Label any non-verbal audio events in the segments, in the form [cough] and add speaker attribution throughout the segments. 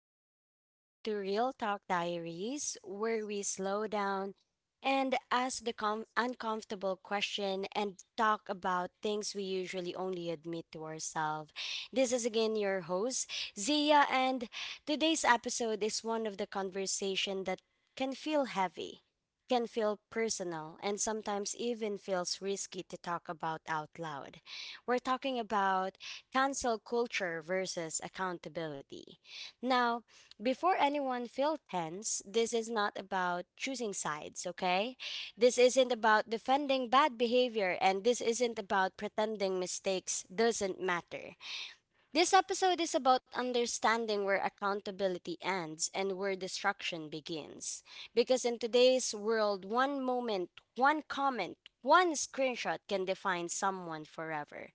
Speaker 1: welcome back to Real Talk Diaries, where we slow down and ask the uncomfortable question and talk about things we usually only admit to ourselves. This is again your host, Zia, and today's episode is one of the conversation that can feel heavy, can feel personal, and sometimes even feels risky to talk about out loud. We're talking about cancel culture versus accountability. Now, before anyone feels tense, this is not about choosing sides, okay? This isn't about defending bad behavior and this isn't about pretending mistakes doesn't matter. This episode is about understanding where accountability ends and where destruction begins. Because in today's world, one moment, one comment, one screenshot can define someone forever.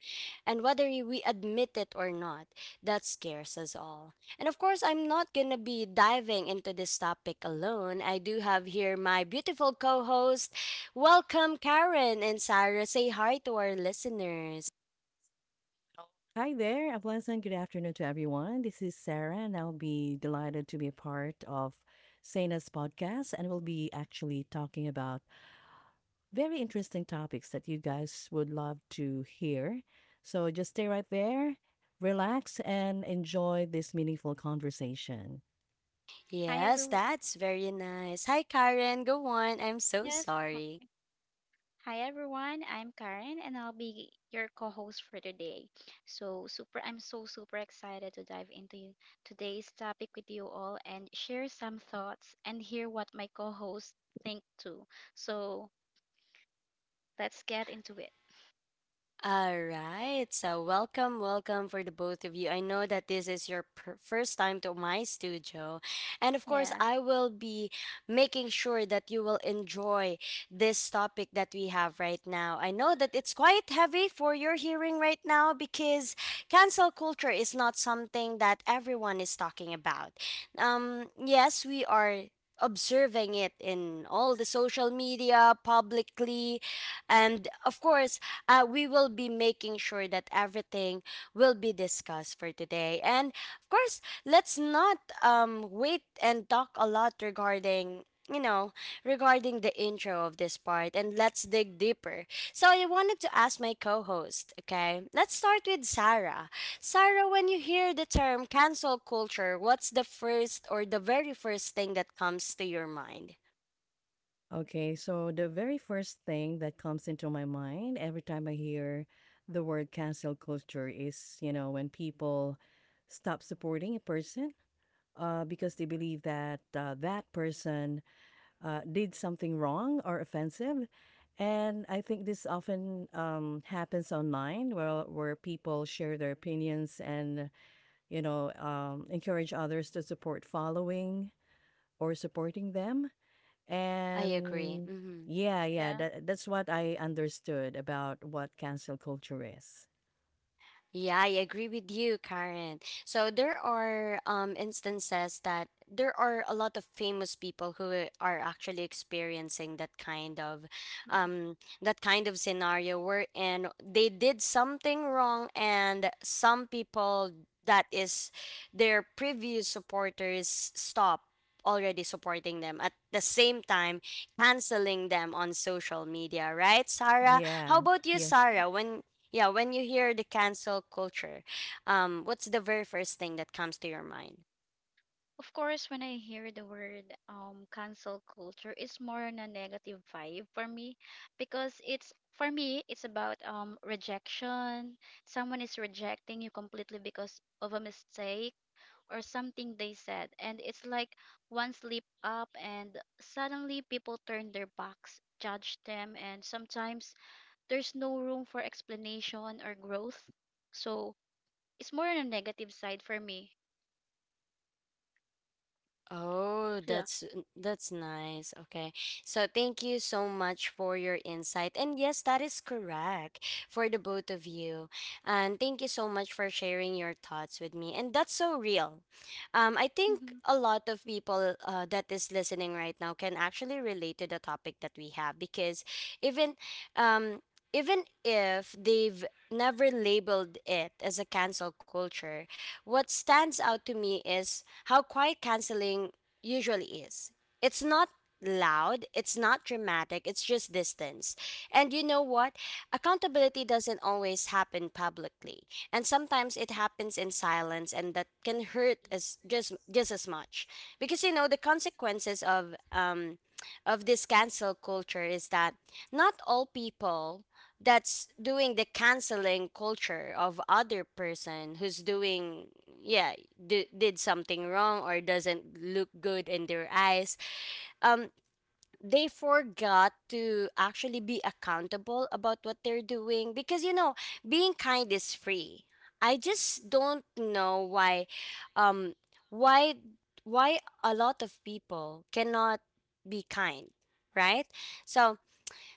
Speaker 1: And whether we admit it or not, that scares us all. And of course, I'm not going to be diving into this topic alone. I do have here my beautiful co host. Welcome, Karen and Sarah. Say hi to our listeners.
Speaker 2: Hi there. A pleasant good afternoon to everyone. This is Sarah, and I'll be delighted to be a part of Sana's podcast. And we'll be actually talking about very interesting topics that you guys would love to hear. So just stay right there, relax, and enjoy this meaningful conversation.
Speaker 3: Hi
Speaker 1: Yes,
Speaker 3: everyone.
Speaker 1: that's very nice. Hi, Karen. Go on. I'm so
Speaker 3: Yes.
Speaker 1: sorry.
Speaker 3: Hi. Hi everyone. I'm Karen and I'll be your co-host for today. So super I'm so super excited to dive into today's topic with you all and share some thoughts and hear what my co-hosts think too. So let's get into it.
Speaker 1: All right. So, welcome, welcome for the both of you. I know that this is your first time to my studio. And of course,
Speaker 3: Yeah.
Speaker 1: I will be making sure that you will enjoy this topic that we have right now. I know that it's quite heavy for your hearing right now because cancel culture is not something that everyone is talking about. Yes, we are observing it in all the social media publicly and of course we will be making sure that everything will be discussed for today. And of course, let's not wait and talk a lot regarding you know regarding the intro of this part, and let's dig deeper. So I wanted to ask my co-host, okay, let's start with Sarah. Sarah, when you hear the term cancel culture, what's the first or the very first thing that comes to your mind?
Speaker 2: Okay, so the very first thing that comes into my mind every time I hear the word cancel culture is, when people stop supporting a person because they believe that that person did something wrong or offensive. And I think this often happens online where people share their opinions and, encourage others to support following or supporting them.
Speaker 1: I agree.
Speaker 2: And
Speaker 1: Mm-hmm.
Speaker 2: yeah, yeah,
Speaker 3: Yeah.
Speaker 2: that's what I understood about what cancel culture is.
Speaker 1: Yeah, I agree with you, Karen. So there are instances that there are a lot of famous people who are actually experiencing that kind of scenario wherein they did something wrong, and some people, that is their previous supporters, stop already supporting them, at the same time canceling them on social media, right? Sarah, how
Speaker 2: Yeah,
Speaker 1: about you,
Speaker 2: yes,
Speaker 1: Sarah? When yeah, when you hear the cancel culture, what's the very first thing that comes to your mind?
Speaker 3: Of course, when I hear the word cancel culture, it's more on a negative vibe for me because it's for me it's about rejection. Someone is rejecting you completely because of a mistake or something they said, and it's like one slip up and suddenly people turn their backs, judge them, and sometimes there's no room for explanation or growth. So it's more on a negative side for me.
Speaker 1: Oh,
Speaker 3: Yeah.
Speaker 1: that's nice. Okay. So thank you so much for your insight. And yes, that is correct for the both of you. And thank you so much for sharing your thoughts with me. And that's so real. I think
Speaker 3: Mm-hmm.
Speaker 1: a lot of people that is listening right now can actually relate to the topic that we have, because even um even if they've never labeled it as a cancel culture, what stands out to me is how quiet canceling usually is. It's not loud, it's not dramatic, it's just distance. And you know what? Accountability doesn't always happen publicly. And sometimes it happens in silence, and that can hurt as just as much. Because you know the consequences of this cancel culture is that not all people that's doing the canceling culture of other person who's doing yeah did something wrong or doesn't look good in their eyes, um they forgot to actually be accountable about what they're doing, because you know being kind is free. I just don't know why, um why why a lot of people cannot be kind, right? So,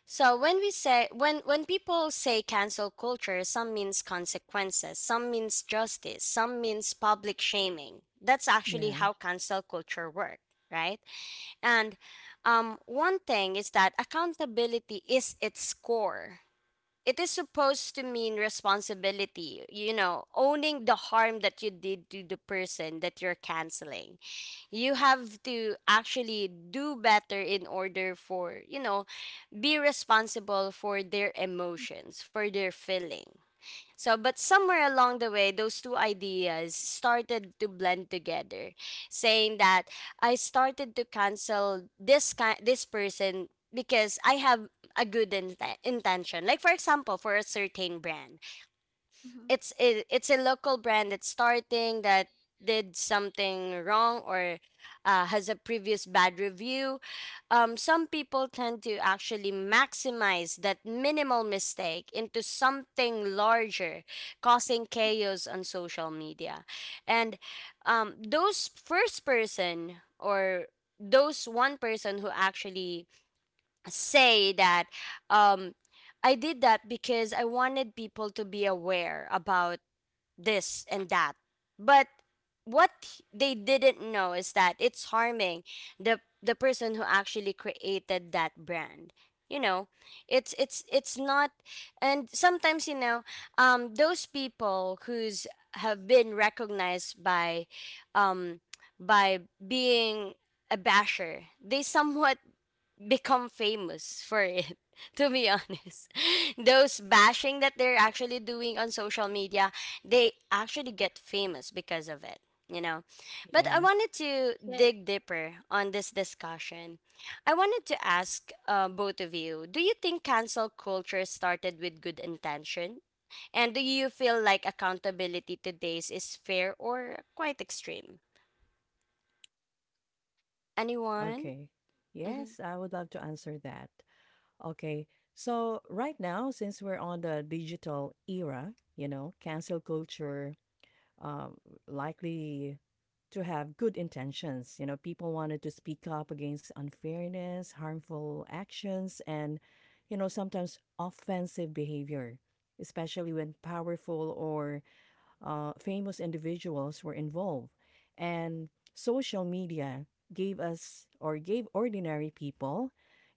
Speaker 1: so when we say, when people say cancel culture, some means consequences, some means justice, some means public shaming. That's actually
Speaker 2: yeah,
Speaker 1: how cancel culture works, right? And one thing is that accountability is its core. It is supposed to mean responsibility, you know, owning the harm that you did to the person that you're canceling. You have to actually do better in order for, you know, be responsible for their emotions, for their feeling. So but somewhere along the way those two ideas started to blend together, saying that I started to cancel this this person because I have a good intention. Like for example for a certain brand,
Speaker 3: Mm-hmm.
Speaker 1: it's a local brand that's starting that did something wrong or has a previous bad review. Some people tend to actually maximize that minimal mistake into something larger, causing chaos on social media. And those first person or those one person who actually say that, um, I did that because I wanted people to be aware about this and that. But what they didn't know is that it's harming the person who actually created that brand. You know, it's it's not. And sometimes, you know, those people who's have been recognized by um by being a basher, they somewhat become famous for it [laughs] to be honest [laughs] those bashing that they're actually doing on social media, they actually get famous because of it, you know? But I
Speaker 2: yeah.
Speaker 1: wanted to dig deeper on this discussion. I wanted to ask both of you, do you think cancel culture started with good intention, and do you feel like accountability today's is fair or quite extreme? Anyone?
Speaker 2: Okay.
Speaker 1: Hmm.
Speaker 2: Yes, I would love to answer that. Okay. So right now, since we're on the digital era, you know, cancel culture um, likely to have good intentions. You know, people wanted to speak up against unfairness, harmful actions, and, you know, sometimes offensive behavior, especially when powerful or famous individuals were involved. And social media gave us or gave ordinary people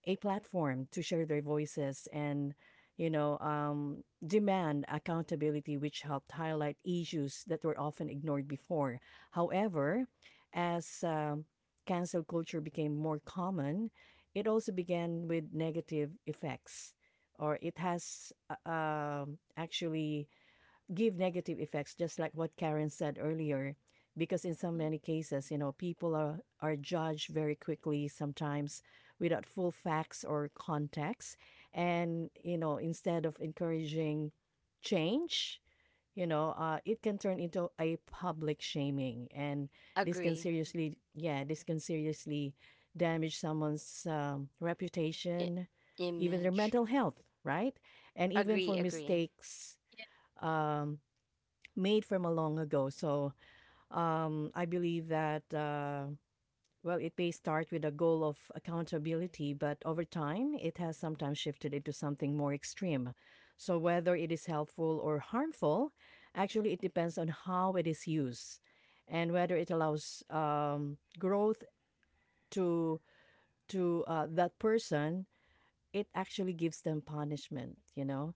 Speaker 2: a platform to share their voices and demand accountability, which helped highlight issues that were often ignored before. However, as cancel culture became more common, it also began with negative effects, or it has actually give negative effects, just like what Karen said earlier. Because in so
Speaker 3: Mhm.
Speaker 2: many cases, you know, people are judged very quickly sometimes without full facts or context. And, you know, instead of encouraging change, it can turn into a public shaming. And this can
Speaker 1: Agree.
Speaker 2: seriously, yeah, this can seriously damage someone's
Speaker 1: I-
Speaker 2: reputation, even their
Speaker 1: image.
Speaker 2: mental health, right? And even
Speaker 1: Agree,
Speaker 2: for
Speaker 1: agree,
Speaker 2: mistakes
Speaker 3: Yeah,
Speaker 2: um, made from a long ago. So I believe that, well, it may start with a goal of accountability, but over time, it has sometimes shifted into something more extreme. So whether it is helpful or harmful, actually, it depends on how it is used and whether it allows growth to to that person. It actually gives them punishment, you know.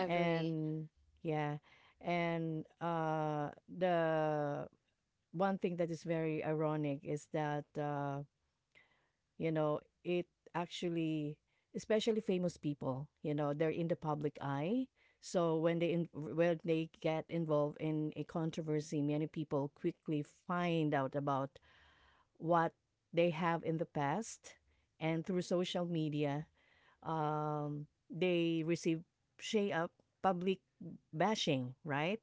Speaker 1: agree,
Speaker 2: And yeah. And the one thing that is very ironic is that you know, it actually, especially famous people, you know, they're in the public eye, so when they get involved in a controversy, many people quickly find out about what they have in the past. And through social media they receive shade up, public bashing, right?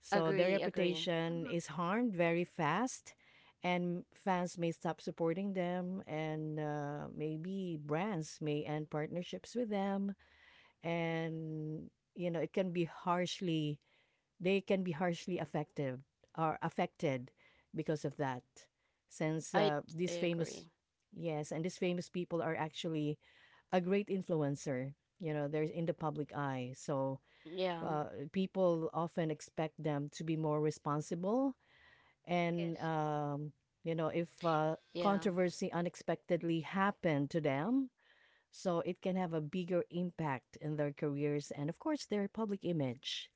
Speaker 2: So their
Speaker 1: agree, agree.
Speaker 2: reputation
Speaker 3: Mhm.
Speaker 2: is harmed very fast, and fans may stop supporting them, and maybe brands may end partnerships with them, and you know it can be harshly, they can be harshly affected or affected because of that, since
Speaker 1: I, I
Speaker 2: these famous,
Speaker 1: agree.
Speaker 2: yes, and these famous people are actually a great influencer. You know, they're in the public eye, so
Speaker 1: Yeah,
Speaker 2: uh, people often expect them to be more responsible and
Speaker 3: yes.
Speaker 2: you know if
Speaker 1: yeah,
Speaker 2: controversy unexpectedly happened to them, so it can have a bigger impact in their careers and of course their public image.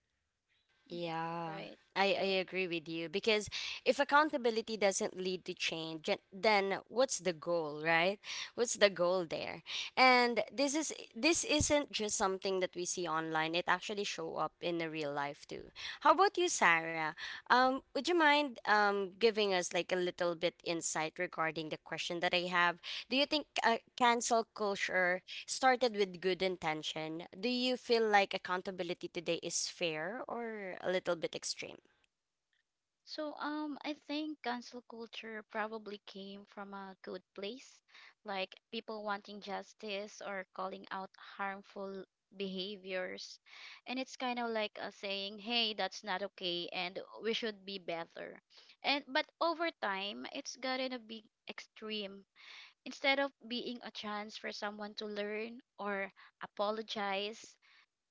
Speaker 3: Mhm.
Speaker 1: yeah.
Speaker 3: Right.
Speaker 1: I
Speaker 3: So,
Speaker 1: agree with you, because if accountability doesn't lead to change, then what's the goal, right? What's the goal there? And this is, this isn't just something that we see online, it actually show up in the real life too. How about you, Sarah? Would you mind giving us like a little bit insight regarding the question that I have? Do you think cancel culture started with good intention? Do you feel like accountability today is fair or a little bit extreme?
Speaker 3: I think cancel culture probably came from a good place, like people wanting justice or calling out harmful behaviors, and it's kind of like a saying, "Hey, that's not okay, and we should be better." And but over time, it's gotten a big extreme. Instead of being a chance for someone to learn or apologize,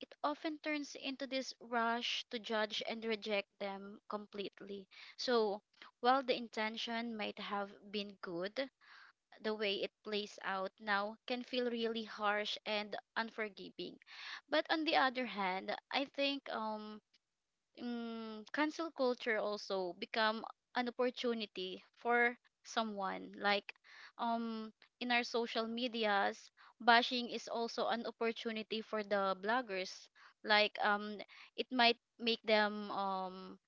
Speaker 3: it often turns into this rush to judge and reject them completely. So, while the intention might have been good, the way it plays out now can feel really harsh and unforgiving. But on the other hand, I think cancel culture also become an opportunity for someone like um in our social medias, bashing is also an opportunity for the bloggers like it might make them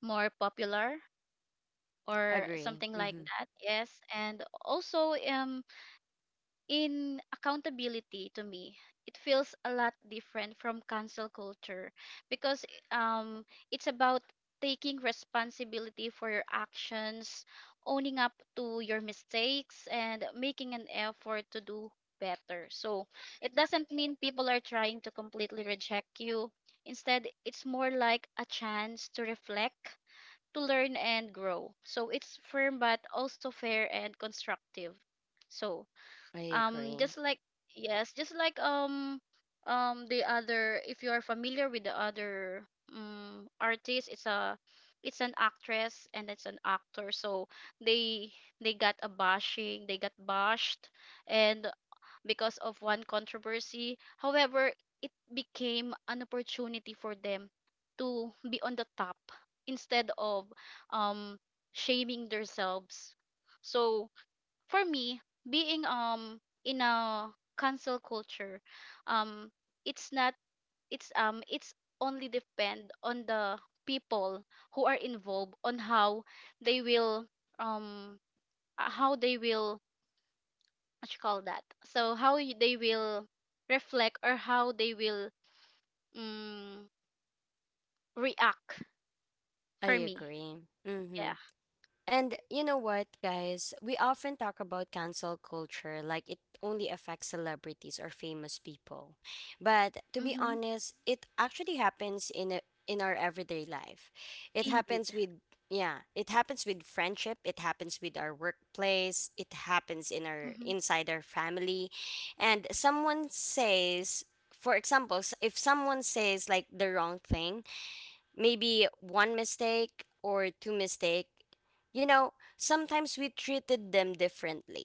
Speaker 3: more popular or
Speaker 1: Agree.
Speaker 3: something like
Speaker 1: Mm-hmm.
Speaker 3: that. Yes, and also in accountability to me, it feels a lot different from cancel culture because it's about taking responsibility for your actions, owning up to your mistakes and making an effort to do better. So it doesn't mean people are trying to completely reject you. Instead, it's more like a chance to reflect, to learn and grow. So it's firm but also fair and constructive. So
Speaker 1: I agree.
Speaker 3: just like yes, just like the other, if you are familiar with the other artist, it's an actress and it's an actor. So they they got a bashing, they got bashed, and because of one controversy. However, it became an opportunity for them to be on the top instead of um shaming themselves. So for me, being in a cancel culture, um it's not it's it's only depend on the people who are involved, on they will um how they will what you call that, so how they will reflect or how they will um, react,
Speaker 1: I
Speaker 3: for me.
Speaker 1: agree.
Speaker 3: Yeah.
Speaker 1: Mm-hmm. And you know what, guys? We often talk about cancel culture like it only affects celebrities or famous people. But to be
Speaker 3: Mm-hmm.
Speaker 1: honest, it actually happens in a, in our everyday life. It
Speaker 3: Indeed.
Speaker 1: happens with yeah, it happens with friendship, it happens with our workplace, it happens in our
Speaker 3: Mm-hmm.
Speaker 1: inside our family. And someone says, for example, if someone says like the wrong thing, maybe one mistake or two mistake, you know, sometimes we treated them differently.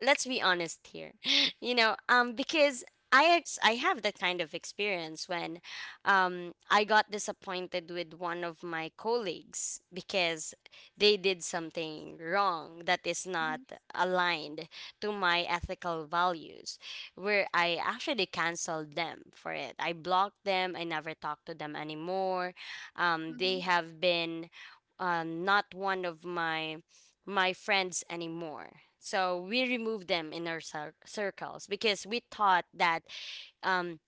Speaker 1: Let's be honest here. [laughs] You know, because I have that kind of experience when I got disappointed with one of my colleagues because they did something wrong that is not aligned to my ethical values, where I actually canceled them for it. I blocked them, I never talked to them anymore.
Speaker 3: Mm-hmm.
Speaker 1: They have been not one of my my friends anymore. So we removed them in our circles because we thought that um,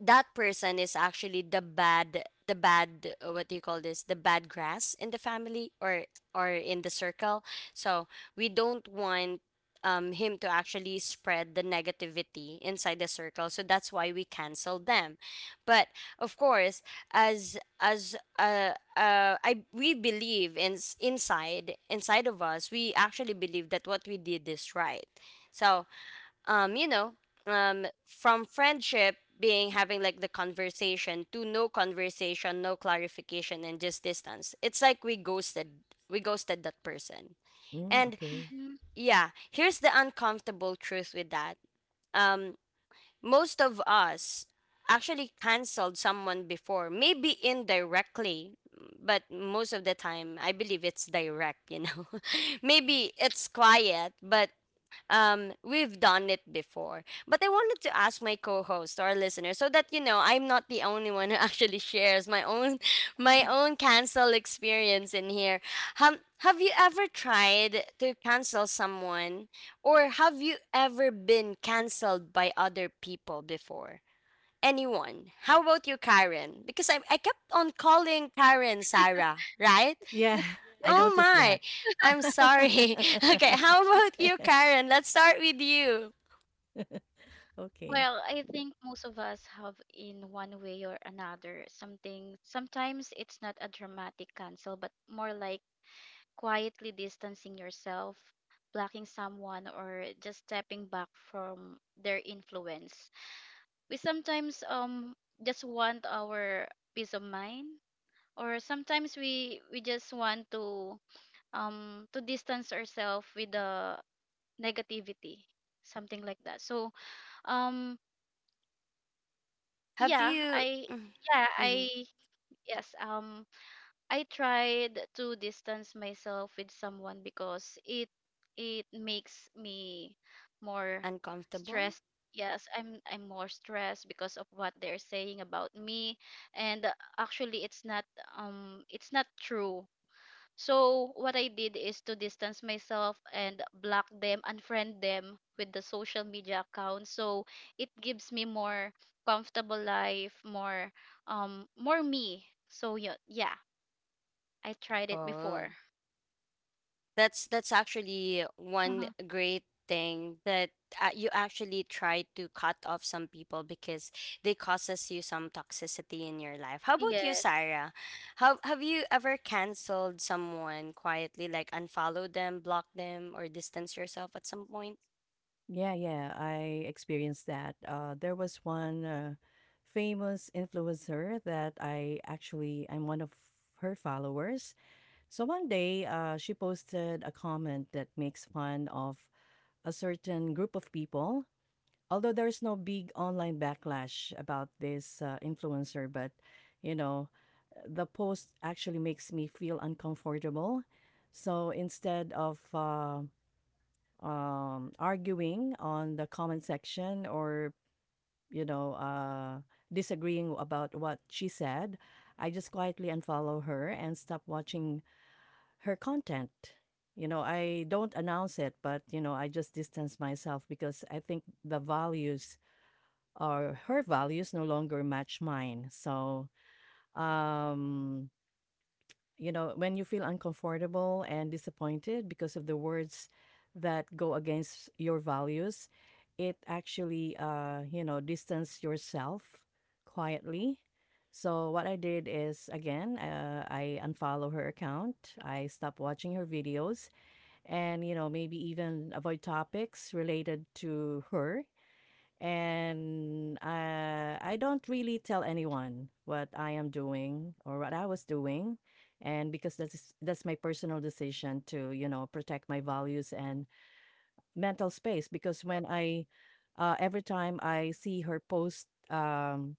Speaker 1: that person is actually the bad, the bad, what do you call this, the bad grass in the family or in the circle. So we don't want, him to actually spread the negativity inside the circle, so that's why we cancel them. But of course, as I, we believe in, inside, inside of us we actually believe that what we did is right. So you know, from friendship being having like the conversation to no conversation, no clarification, and just distance, it's like we ghosted, we ghosted that person.
Speaker 2: Mm,
Speaker 1: And
Speaker 2: okay.
Speaker 3: Mm-hmm.
Speaker 1: yeah, here's the uncomfortable truth with that. um most of us actually canceled someone before, maybe indirectly, but most of the time I believe it's direct, you know? [laughs] Maybe it's quiet, but we've done it before. But I wanted to ask my co-host, our listener, so that, you know, I'm not the only one who [laughs] actually shares my own [laughs] my own cancel experience in here. Have you ever tried to cancel someone, or have you ever been canceled by other people before? Anyone? How about you, Karen? Because I kept on calling Karen Sarah, right?
Speaker 2: Yeah, [laughs] I
Speaker 1: Oh
Speaker 2: noticed
Speaker 3: [laughs]
Speaker 1: my,
Speaker 2: that.
Speaker 1: I'm sorry. [laughs] Okay, how
Speaker 2: [laughs]
Speaker 1: about you, Karen? Let's start with you.
Speaker 2: Okay.
Speaker 3: Well, I think most of us have in one way or another something. Sometimes it's not a dramatic cancel, but more like quietly distancing yourself, blocking someone, or just stepping back from their influence. We sometimes just want our peace of mind, or sometimes we just want to distance ourselves with the negativity, something like that. So um
Speaker 1: Have
Speaker 3: yeah
Speaker 1: you
Speaker 3: i
Speaker 1: Mm,
Speaker 3: yeah
Speaker 1: mhm.
Speaker 3: I yes, I tried to distance myself with someone because it makes me more
Speaker 1: Uncomfortable?
Speaker 3: stressed. Yes, I'm more stressed because of what they're saying about me, and actually it's not true. So what I did is to distance myself and block them, unfriend them with the social media accounts. So it gives me more comfortable life, more more me. So yeah, yeah, I tried it
Speaker 1: Oh,
Speaker 3: before.
Speaker 1: that's actually one
Speaker 3: Uh-huh.
Speaker 1: great thing that you actually try to cut off some people because they causes you some toxicity in your life. How about you,
Speaker 3: Yes,
Speaker 1: Sarah? Have you ever canceled someone quietly, like unfollow them, block them, or distance yourself at some point?
Speaker 2: Yeah, yeah, I experienced that. There was one famous influencer that I actually I'm one of her followers. So one day, she posted a comment that makes fun of a certain group of people. Although there is no big online backlash about this influencer, but you know, the post actually makes me feel uncomfortable. So instead of arguing on the comment section or you know uh, disagreeing about what she said, I just quietly unfollow her and stop watching her content. You know, I don't announce it, but you know, I just distance myself because I think the values or her values no longer match mine. So um you know, when you feel uncomfortable and disappointed because of the words that go against your values, it actually, you know, distance yourself quietly. So what I did is again, I unfollow her account. I stop watching her videos, and you know, maybe even avoid topics related to her and I don't really tell anyone what I am doing or what I was doing, and because that's my personal decision to you know protect my values and mental space. Because when I every time I see her post,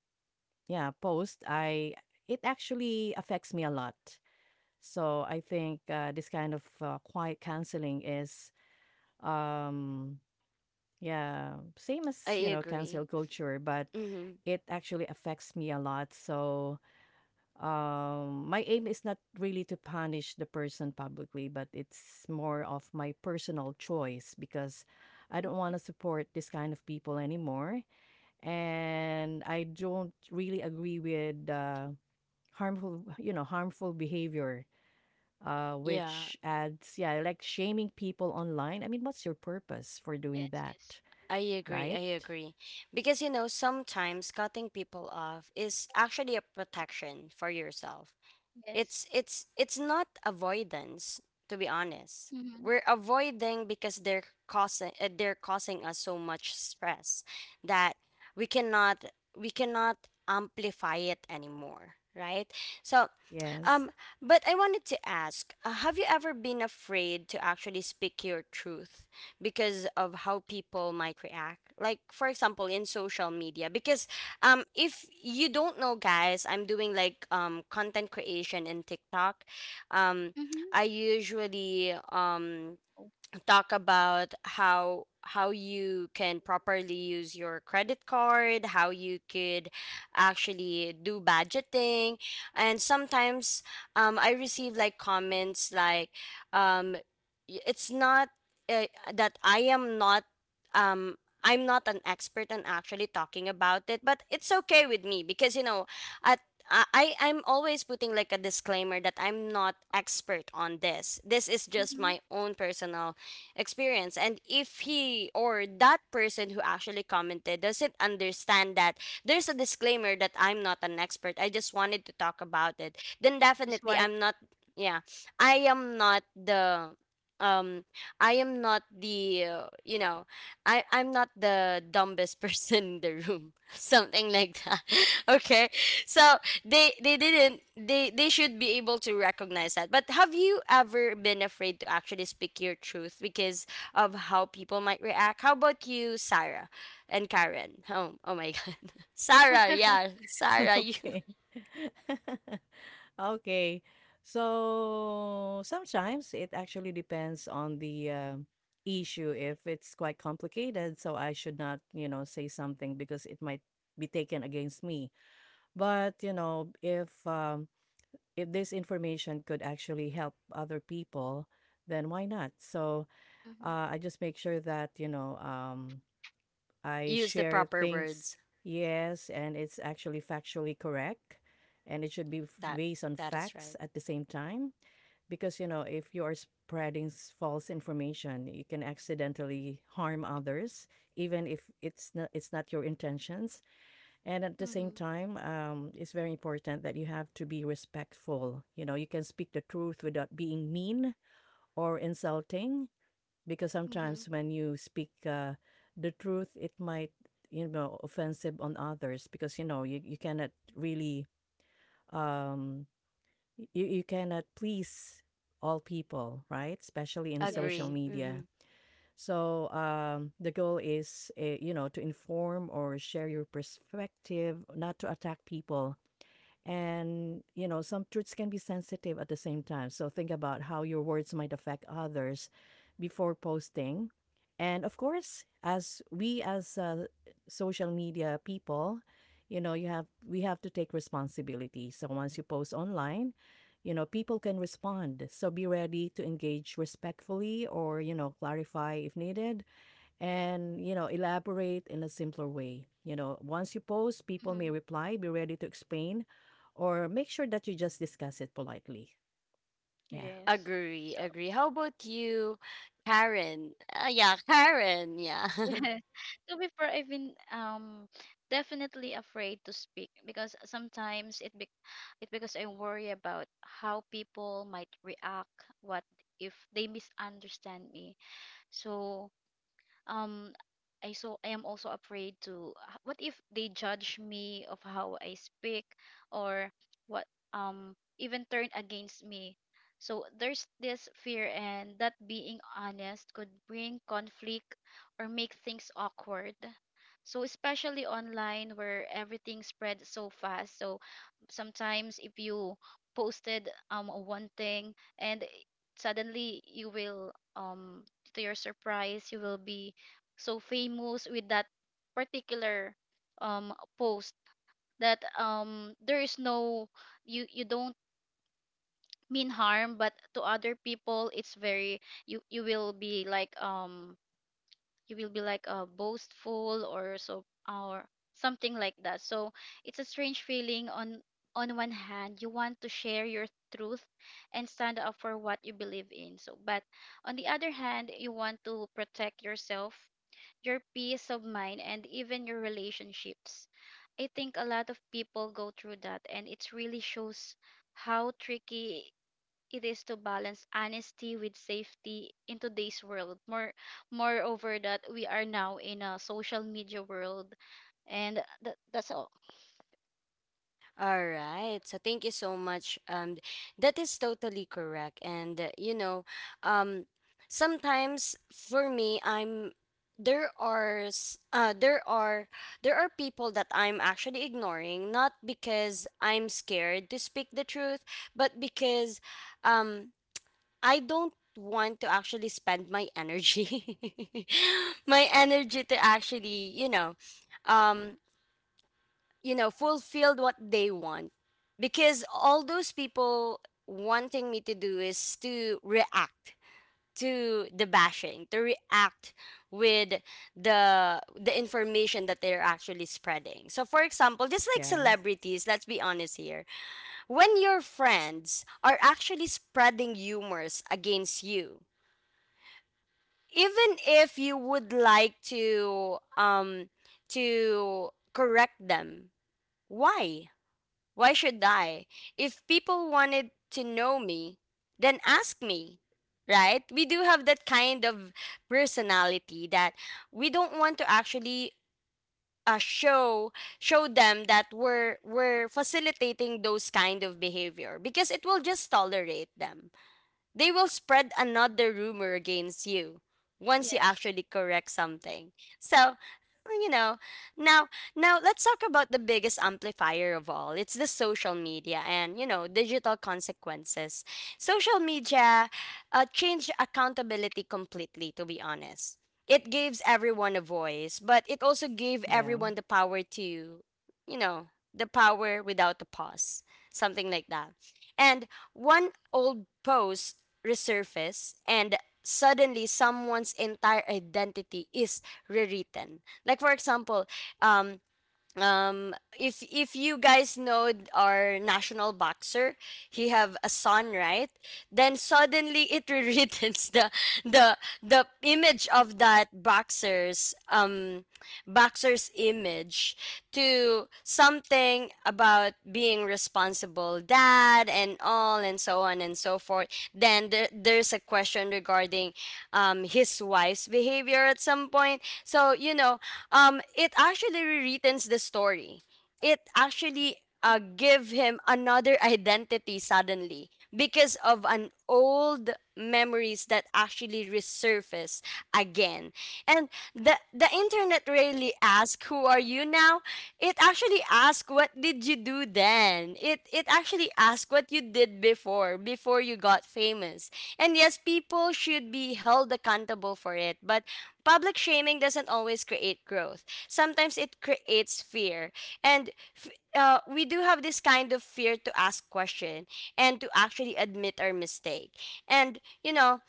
Speaker 2: yeah, post, I, it actually affects me a lot. So I think this kind of quiet canceling is um yeah, same
Speaker 1: I
Speaker 2: as, you know,
Speaker 1: agree.
Speaker 2: cancel culture, but it actually affects me a lot. So, my aim is not really to punish the person publicly, but it's more of my personal choice because I don't want to support this kind of people anymore. And I don't really agree with harmful, you know, harmful behavior,
Speaker 1: Yeah,
Speaker 2: which adds, yeah, like shaming people online. I mean, what's your purpose for doing
Speaker 3: yes,
Speaker 2: that,
Speaker 3: yes,
Speaker 1: I agree.
Speaker 2: right?
Speaker 1: I agree. Because, you know, sometimes cutting people off is actually a protection for yourself. It's
Speaker 3: yes.
Speaker 1: it's not avoidance, to be honest.
Speaker 3: Mm-hmm.
Speaker 1: We're avoiding because they're causing us so much stress that we cannot we cannot amplify it anymore, right? So,
Speaker 2: Yes.
Speaker 1: um, but I wanted to ask, have you ever been afraid to actually speak your truth because of how people might react? Like, for example, in social media, because if you don't know, guys, I'm doing like content creation in TikTok. Um,
Speaker 3: Mm-hmm.
Speaker 1: I usually talk about how you can properly use your credit card, how you could actually do budgeting. And sometimes I receive like comments like um, it's not uh, that I am not, um, I'm not an expert on actually talking about it, but it's okay with me because you know at I'm always putting like a disclaimer that I'm not expert on this. This is just
Speaker 3: Mm-hmm.
Speaker 1: my own personal experience. And if he or that person who actually commented doesn't understand that there's a disclaimer that I'm not an expert, I just wanted to talk about it, then
Speaker 3: Just
Speaker 1: definitely
Speaker 3: wanted.
Speaker 1: I'm not, yeah, I am not the. Um, I am not the you know, I'm not the dumbest [laughs] person in the room, [laughs] something like that. [laughs] Okay, so they didn't they should be able to recognize that. But have you ever been afraid to actually speak your truth because of how people might react? How about you, Sarah and Karen? Oh, oh my [laughs] god. Sarah, yeah,
Speaker 2: [laughs]
Speaker 1: Sarah, you
Speaker 2: Okay. [laughs] Okay. So sometimes it actually depends on the issue. If it's quite complicated, so I should not, you know, say something because it might be taken against me. But, you know, if this information could actually help other people, then why not? So
Speaker 3: Mm-hmm.
Speaker 2: I just make sure that,
Speaker 1: [laughs]
Speaker 2: I
Speaker 1: use the
Speaker 2: share
Speaker 1: proper
Speaker 2: things,
Speaker 1: words.
Speaker 2: yes, and it's actually factually correct. And it should be
Speaker 1: That,
Speaker 2: based on
Speaker 1: that is
Speaker 2: facts
Speaker 1: right.
Speaker 2: at the same time. Because, you know, if you are spreading false information, you can accidentally harm others, even if it's not your intentions. And at the same
Speaker 3: Mm-hmm.
Speaker 2: time, it's very important that you have to be respectful. You know, you can speak the truth without being mean or insulting, because
Speaker 3: Mm-hmm.
Speaker 2: sometimes when you speak the truth, it might, you know, offensive on others, because you know you cannot really um you, you cannot please all people, right, especially in social
Speaker 3: Yes.
Speaker 1: Agree. Mm-hmm.
Speaker 2: media. So the goal is you know, to inform or share your perspective, not to attack people. And, you know, some truths can be sensitive at the same time. So think about how your words might affect others before posting. And of course, as social media people, you know, you have we have to take responsibility. So once you post online, you know, people can respond. So be ready to engage respectfully or, you know, clarify if needed, and you know elaborate in a simpler way. You know, once you post, people
Speaker 3: Mm-hmm.
Speaker 2: may reply, be ready to explain or make sure that you just discuss it politely. Yeah,
Speaker 3: Yes.
Speaker 1: Agree,
Speaker 3: So
Speaker 1: agree. How about you, Karen? Yeah, Karen, yeah.
Speaker 3: yes.
Speaker 1: [laughs]
Speaker 3: [laughs] To be fair, I've been definitely afraid to speak because sometimes it be it because I worry about how people might react, what if they misunderstand me. So um I, so I am also afraid to what if they judge me of how I speak, or what even turn against me. So there's this fear and that being honest could bring conflict or make things awkward. So especially online where everything spreads so fast. So sometimes if you posted one thing, and suddenly you will to your surprise you will be so famous with that particular um post, that there is no, you don't mean harm, but to other people it's very, you will be like you will be like boastful or so, or something like that. So it's a strange feeling. On one hand you want to share your truth and stand up for what you believe in, but on the other hand you want to protect yourself, your peace of mind, and even your relationships. I think a lot of people go through that, and it really shows how tricky it is to balance honesty with safety in today's world. Moreover, that we are now in a social media world, and that, that's all.
Speaker 1: All right. So thank you so much. That is totally correct. And you know, um, sometimes for me, I'm there are s- there are people that I'm actually ignoring, not because I'm scared to speak the truth, but because um I don't want to actually spend my energy, [laughs] my energy to actually, um you know, fulfilled what they want. Because all those people wanting me to do is to react to the bashing, to react with the information that they're actually spreading. So for example, just like
Speaker 2: yeah,
Speaker 1: celebrities, let's be honest here. When your friends are actually spreading humors against you, even if you would like to correct them, why? Why should I? If people wanted to know me, then ask me, right? We do have that kind of personality that we don't want to actually show them that we're facilitating those kind of behavior, because it will just tolerate them. They will spread another rumor against you once you
Speaker 3: Yes.
Speaker 1: actually correct something. So, you know, now now let's talk about the biggest amplifier of all. It's the social media and, you know, digital consequences. Social media changed accountability completely, to be honest. It gives everyone a voice, but it also gave
Speaker 2: yeah.
Speaker 1: everyone the power to, you know, the power without the pause, something like that. And one old pose resurfaces, and suddenly someone's entire identity is rewritten. Like for example, um um if you guys know our national boxer, he have a son, right? Then suddenly it [laughs] rewrites the the image of that boxer's image to something about being responsible dad and all and so on and so forth. Then there's a question regarding, his wife's behavior at some point. So you know, it actually rewrites the story, it actually
Speaker 3: Mm-hmm.
Speaker 1: give him another identity suddenly because of an old memories that actually resurface again. And the internet rarely ask who are you now. It actually ask what did you do then. It actually ask what you did before, before you got famous. And yes, people should be held accountable for it, but public shaming doesn't always create growth. Sometimes it creates fear. And we do have this kind of fear to ask question and to actually admit our mistake. And you know,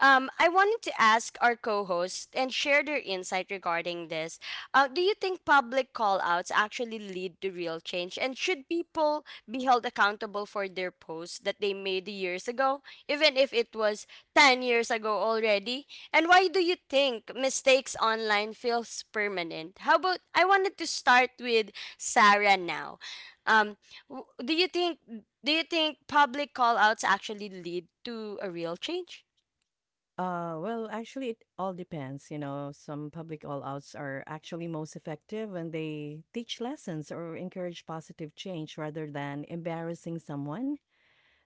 Speaker 1: I wanted to ask our co-hosts and share their insight regarding this. Do you think public call-outs actually lead to real change, and should people be held accountable for their posts that they made years ago, even if it was 10 years ago already? And why do you think mistakes online feels permanent? How about I wanted to start with Sarah now. Um, w- do you think do you think public call-outs actually lead to a real change?
Speaker 2: Well actually it all depends. You know, some public all outs are actually most effective when they teach lessons or encourage positive change rather than embarrassing someone.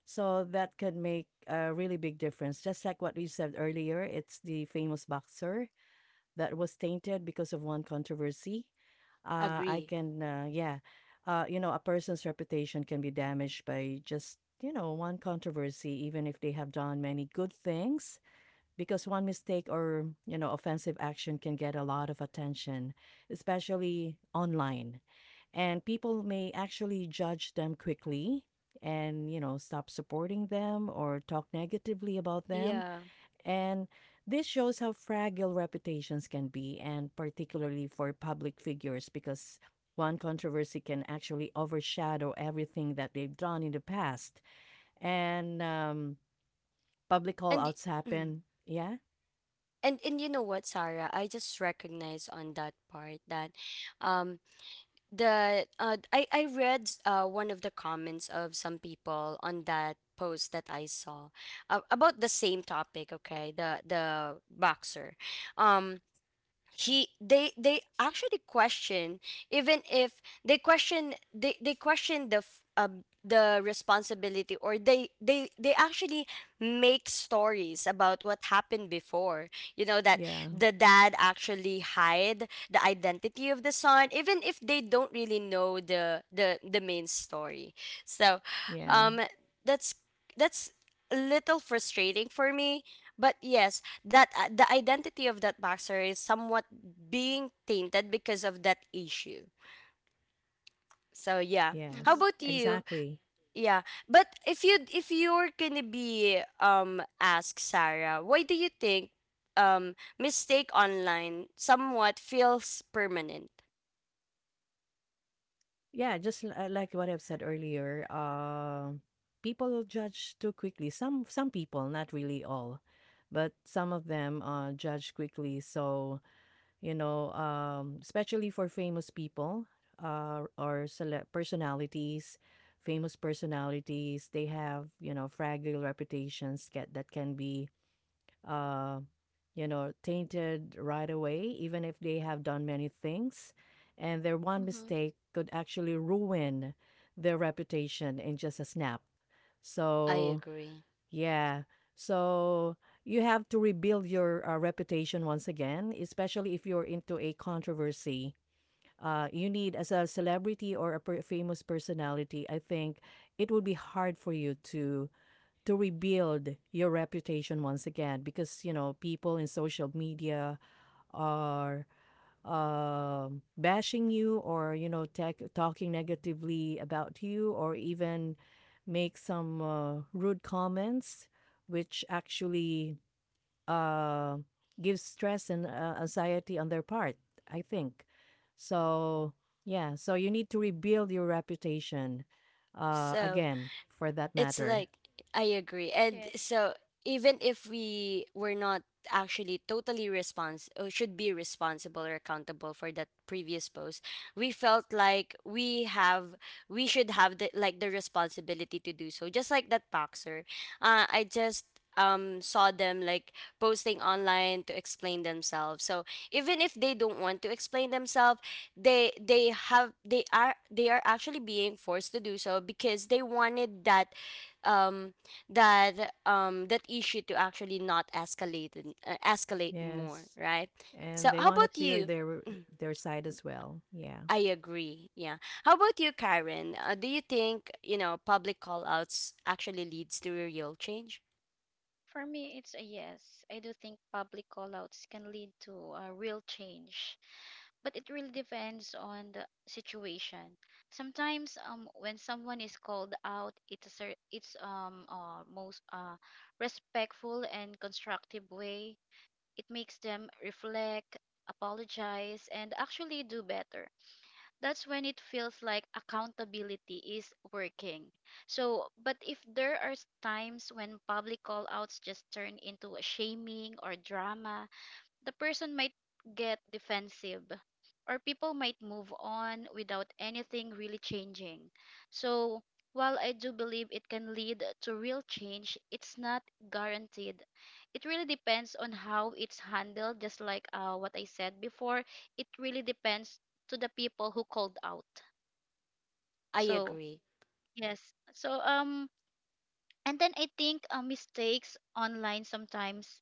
Speaker 2: So that could make a really big difference, just like what we said earlier, it's the famous boxer that was tainted because of one controversy. uh, I
Speaker 1: Agree.
Speaker 2: can, uh, yeah, you know, a person's reputation can be damaged by just, you know, one controversy, even if they have done many good things, because one mistake or, you know, offensive action can get a lot of attention, especially online. And people may actually judge them quickly and, you know, stop supporting them or talk negatively about them.
Speaker 1: Yeah.
Speaker 2: And this shows how fragile reputations can be, and particularly for public figures, because one controversy can actually overshadow everything that they've done in the past. And public call
Speaker 1: And y-
Speaker 2: outs
Speaker 1: mm.
Speaker 2: happen. Yeah,
Speaker 1: And you know what, Sarah, I just recognize on that part that um the I read one of the comments of some people on that post that I saw about the same topic, okay? The boxer. Um he they actually question. Even if they question, they question the the responsibility, or they actually make stories about what happened before, you know. That
Speaker 2: yeah,
Speaker 1: the dad actually hide the identity of the son, even if they don't really know the main story. So
Speaker 2: yeah,
Speaker 1: um that's that's a little frustrating for me, but yes, that the identity of that boxer is somewhat being tainted because of that issue. So yeah. How
Speaker 3: Mm-hmm.
Speaker 2: yes,
Speaker 1: about you?
Speaker 2: exactly.
Speaker 1: Yeah. But if you, if you're gonna be asked Sarah, why do you think mistake online somewhat feels permanent?
Speaker 2: Yeah, just like what I've said earlier, people judge too quickly. Some people, not really all, but some of them judge quickly. So especially for famous people or personalities, famous personalities, they have, you know, fragile reputations get, that can be, uh, you know, tainted right away, even if they have done many things. And their one
Speaker 3: Mm-hmm.
Speaker 2: mistake could actually ruin their reputation in just a snap.
Speaker 1: I
Speaker 2: So,
Speaker 1: agree.
Speaker 2: yeah. So you have to rebuild your reputation once again, especially if you're into a controversy. You need, as a celebrity or a per- famous personality, I think it would be hard for you to rebuild your reputation once again, because you know people in social media are bashing you or you know tech talking negatively about you or even make some rude comments, which actually uh, gives stress and anxiety on their part, I think. So yeah, so you need to rebuild your reputation
Speaker 1: So,
Speaker 2: again for that
Speaker 1: it's
Speaker 2: matter.
Speaker 1: like, I agree. And
Speaker 3: Yes.
Speaker 1: so even if we were not actually totally respons or should be responsible or accountable for that previous post, we felt like we should have the like the responsibility to do so. Just like that boxer. I just saw them like posting online to explain themselves. So even if they don't want to explain themselves, they are actually being forced to do so because they wanted that um that issue to actually not escalate and escalate more,
Speaker 2: Yes,
Speaker 1: right?
Speaker 2: and
Speaker 1: So
Speaker 2: they
Speaker 1: how
Speaker 2: want to
Speaker 1: about
Speaker 2: clear
Speaker 1: you?
Speaker 2: their side as well. Yeah,
Speaker 1: I agree, yeah. How about you, Karen? Do you think, you know, public call outs actually leads to a real change?
Speaker 3: For me, it's a yes. I do think public callouts can lead to a real change, but it really depends on the situation. Sometimes, when someone is called out, it's a cer- it's most respectful and constructive way. It makes them reflect, apologize, and actually do better. That's when it feels like accountability is working. So, but if there are times when public call outs just turn into a shaming or drama, the person might get defensive, or people might move on without anything really changing. So, while I do believe it can lead to real change, it's not guaranteed. It really depends on how it's handled, just like what I said before. It really depends to the people who called out.
Speaker 1: I
Speaker 3: So,
Speaker 1: agree,
Speaker 3: yes. So, and then I think mistakes online sometimes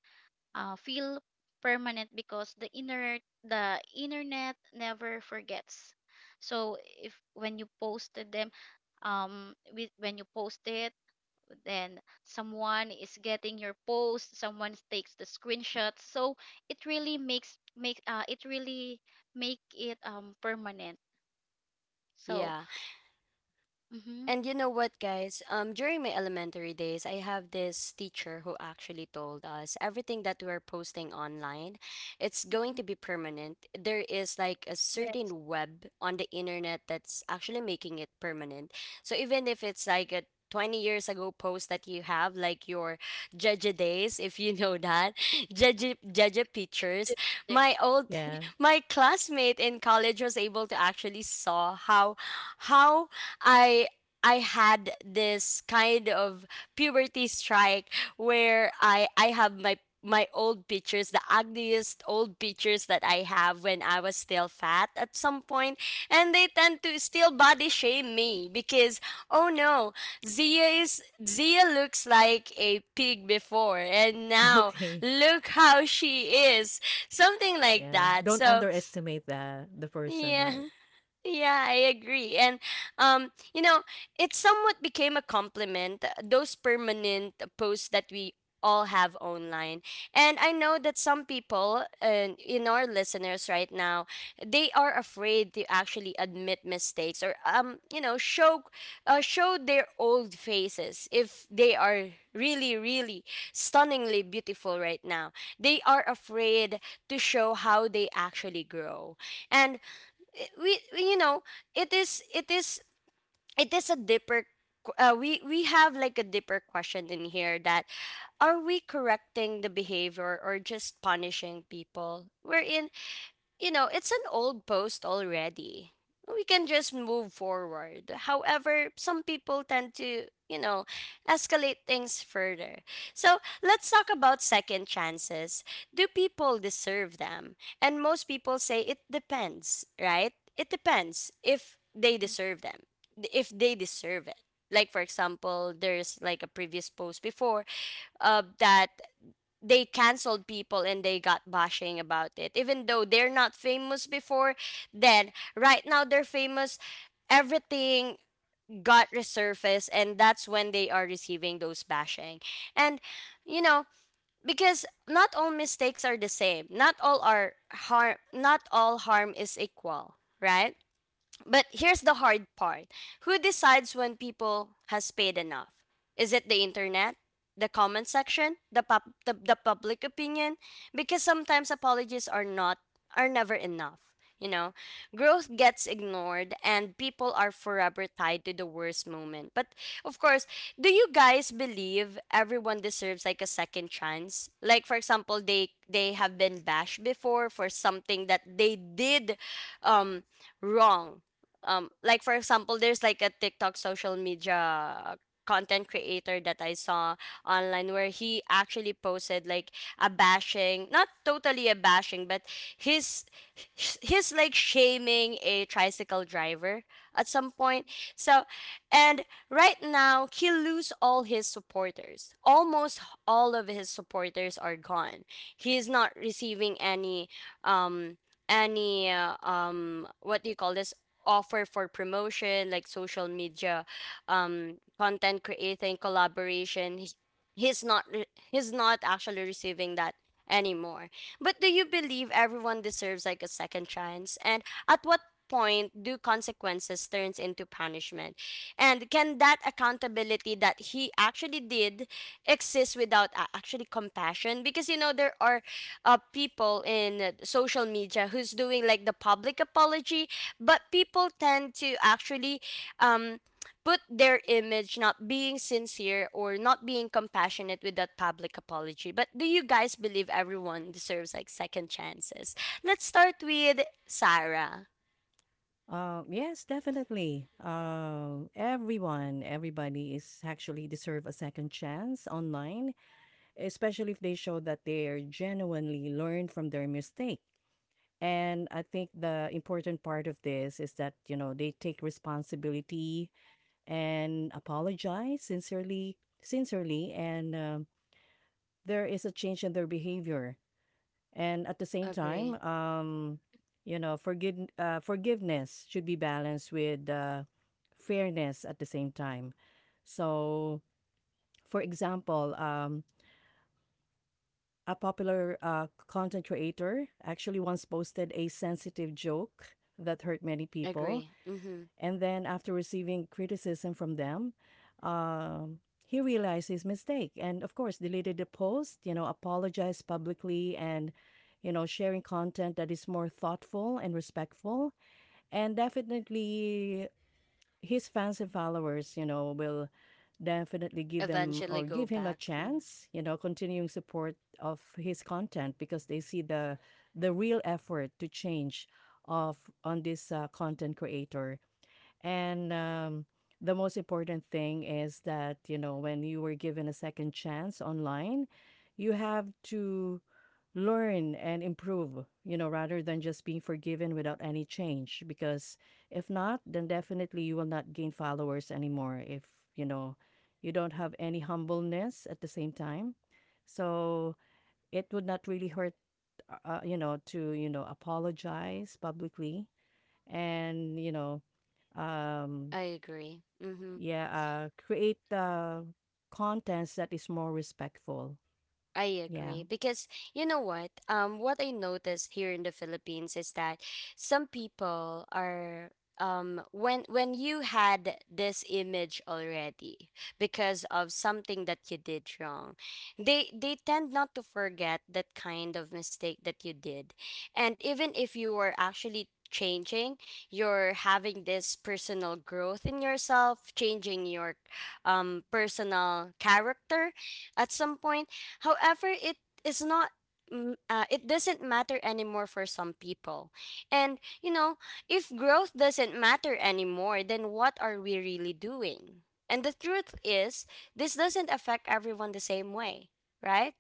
Speaker 3: feel permanent because the internet never forgets. So if when you posted them with when you post it, then someone is getting your post, someone takes the screenshots, so it really makes make it really make it permanent. So
Speaker 1: yeah.
Speaker 3: mm-hmm,
Speaker 1: And you know what, guys? During my elementary days, I have this teacher who actually told us everything that we're posting online, it's
Speaker 3: mm-hmm,
Speaker 1: going to be permanent. There is like a
Speaker 3: yes.
Speaker 1: certain web on the internet that's actually making it permanent. So even if it's like a 20 years ago post that you have, like your Jeje days, if you know that, [laughs] Jeje, Jeje
Speaker 3: Do
Speaker 1: pictures,
Speaker 3: the
Speaker 1: my old, [laughs]
Speaker 2: yeah.
Speaker 1: my classmate in college was able to actually saw how, how I I had this kind of puberty strike where I have my old pictures, the ugliest old pictures that I have when I was still fat at some point, and they tend to still body shame me because, oh no, Zia is Zia looks like a pig before, and
Speaker 2: [laughs]
Speaker 1: now
Speaker 2: Okay.
Speaker 1: look how she is, something like
Speaker 2: Yeah.
Speaker 1: that.
Speaker 2: Don't
Speaker 1: So
Speaker 2: underestimate the person, right?
Speaker 1: yeah. Yeah, I agree. And you know, it somewhat became a compliment, those permanent posts that we all have online. And I know that some people and in our listeners right now, they are afraid to actually admit mistakes or you know, show their old faces if they are really really stunningly beautiful right now. They are afraid to show how they actually grow. And you know, it is it is it is a deeper we have like a deeper question in here, that are we correcting the behavior or just punishing people, wherein, you know, it's an old post already. We can just move forward. However, some people tend to, you know, escalate things further. So let's talk about second chances. Do people deserve them? And most people say it depends, right? It depends if they
Speaker 3: mhm.
Speaker 1: deserve them, if they deserve it. Like, for example, there's like a previous post before that they canceled people and they got bashing about it even though they're not famous before, then right now they're famous, everything got resurfaced, and that's when they are receiving those bashing. And you know, because not all mistakes are the same, not all are harm, not all harm is equal, right? But here's the hard part. Who decides when people has paid enough? Is it the internet? The comment section? The public opinion? Because sometimes apologies are not, are never enough, you know. Growth gets ignored and people are forever tied to the worst moment. But of course, do you guys believe everyone deserves like a second chance? Like for example, they have been bashed before for something that they did um wrong, like for example there's like a TikTok social media content creator that I saw online where he actually posted like a bashing, not totally a bashing, but his his like shaming a tricycle driver at some point, so and right now he lose all his supporters, almost all of his supporters are gone, he is not receiving um any what do you call this, offer for promotion like social media content creating collaboration, he's not actually receiving that anymore. But do you believe everyone deserves like a second chance, and at what point do consequences turns into punishment, and can that accountability that he actually did exist without actually compassion? Because you know there are people in social media who's doing like the public apology, but people tend to actually um put their image not being sincere or not being compassionate with that public apology. But do you guys believe everyone deserves like second chances? Let's start with Sarah.
Speaker 2: Yes, definitely. Everybody is actually deserve a second chance online, especially if they show that they're genuinely learn from their mistake. And I think the important part of this is that you know they take responsibility and apologize sincerely, sincerely, and there is a change in their behavior. And at the same
Speaker 1: Agree.
Speaker 2: time, you know, forgiveness should be balanced with fairness at the same time. So, for example, a popular content creator actually once posted a sensitive joke that hurt many people.
Speaker 1: Agree. Mm-hmm.
Speaker 2: And then, after receiving criticism from them, um, he realized his mistake and, of course, deleted the post, you know, apologized publicly and, you know, sharing content that is more thoughtful and respectful. And definitely, his fans and followers, you know, will definitely give them
Speaker 1: Eventually
Speaker 2: or
Speaker 1: go
Speaker 2: give him a
Speaker 1: back. Mm.
Speaker 2: chance, you know, continuing support of his content because they see the real effort to change of on this content creator. And the most important thing is that, you know, when you were given a second chance online, you have to learn and improve, you know, rather than just being forgiven without any change. Because if not, then definitely you will not gain followers anymore if, you know, you don't have any humbleness at the same time. So it would not really hurt, you know, to, you know, apologize publicly and, you know, um,
Speaker 1: I agree. Mm-hmm.
Speaker 2: yeah, create contents that is more respectful.
Speaker 1: I
Speaker 2: Yeah,
Speaker 1: agree because you know what? What I noticed here in the Philippines is that some people are when you had this image already because of something that you did wrong, they tend not to forget that kind of mistake that you did, and even if you were actually changing, you're having this personal growth in yourself, changing your personal character at some point. However, it is not. It doesn't matter anymore for some people. And, you know, if growth doesn't matter anymore, then what are we really doing? And the truth is, this doesn't affect everyone the same way, right?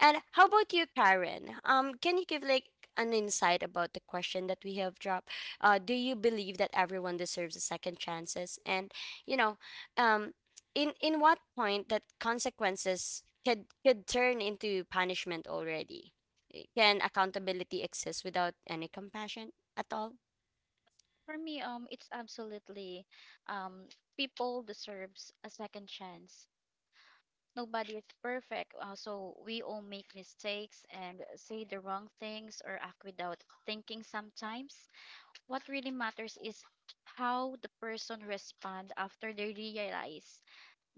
Speaker 1: And how about you, Karen? Can you give like an insight about the question that we have dropped? Do you believe that everyone deserves a second chances? And you know, um, in what point that consequences could turn into punishment already? Eh, can accountability exist without any compassion at all?
Speaker 3: For me it's absolutely um people deserves a second chance. Nobody is perfect. So we all make mistakes and say the wrong things or act without thinking sometimes. What really matters is how the person respond after they realize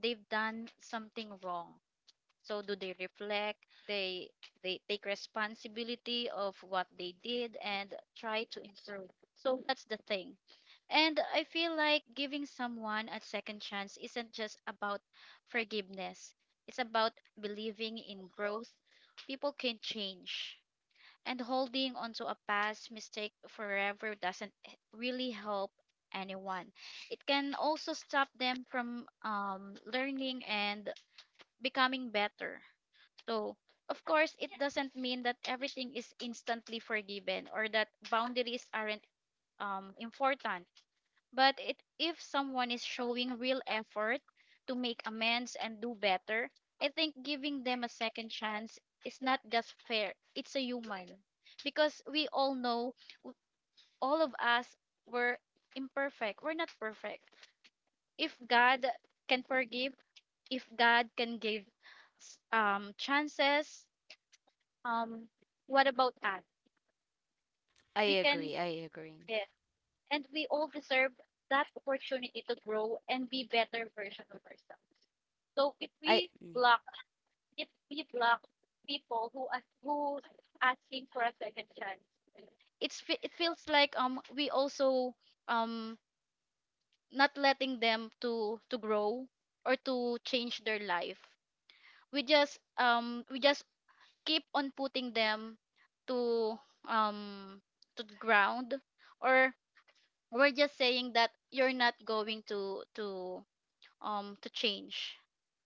Speaker 3: they've done something wrong. So do they reflect? They they take responsibility of what they did and try to improve. So that's the thing. And I feel like giving someone a second chance isn't just about forgiveness, it's about believing in growth. People can change. And holding onto a past mistake forever doesn't really help anyone. It can also stop them from learning and becoming better. So, of course, it doesn't mean that everything is instantly forgiven or that boundaries aren't important, but it, if someone is showing real effort to make amends and do better, I think giving them a second chance is not just fair, it's a human. Because we all know, w- all of us were imperfect, we're not perfect. If God can forgive, if God can give chances, um, what about us?
Speaker 1: I
Speaker 3: We can,
Speaker 1: agree. I agree.
Speaker 3: yes. And we all deserve that opportunity to grow and be better version of ourselves. So if
Speaker 1: I
Speaker 3: we block, it feels like we also um not letting them to grow or to change their life. We just we just keep on putting them to um to the ground, or we're just saying that you're not going to change.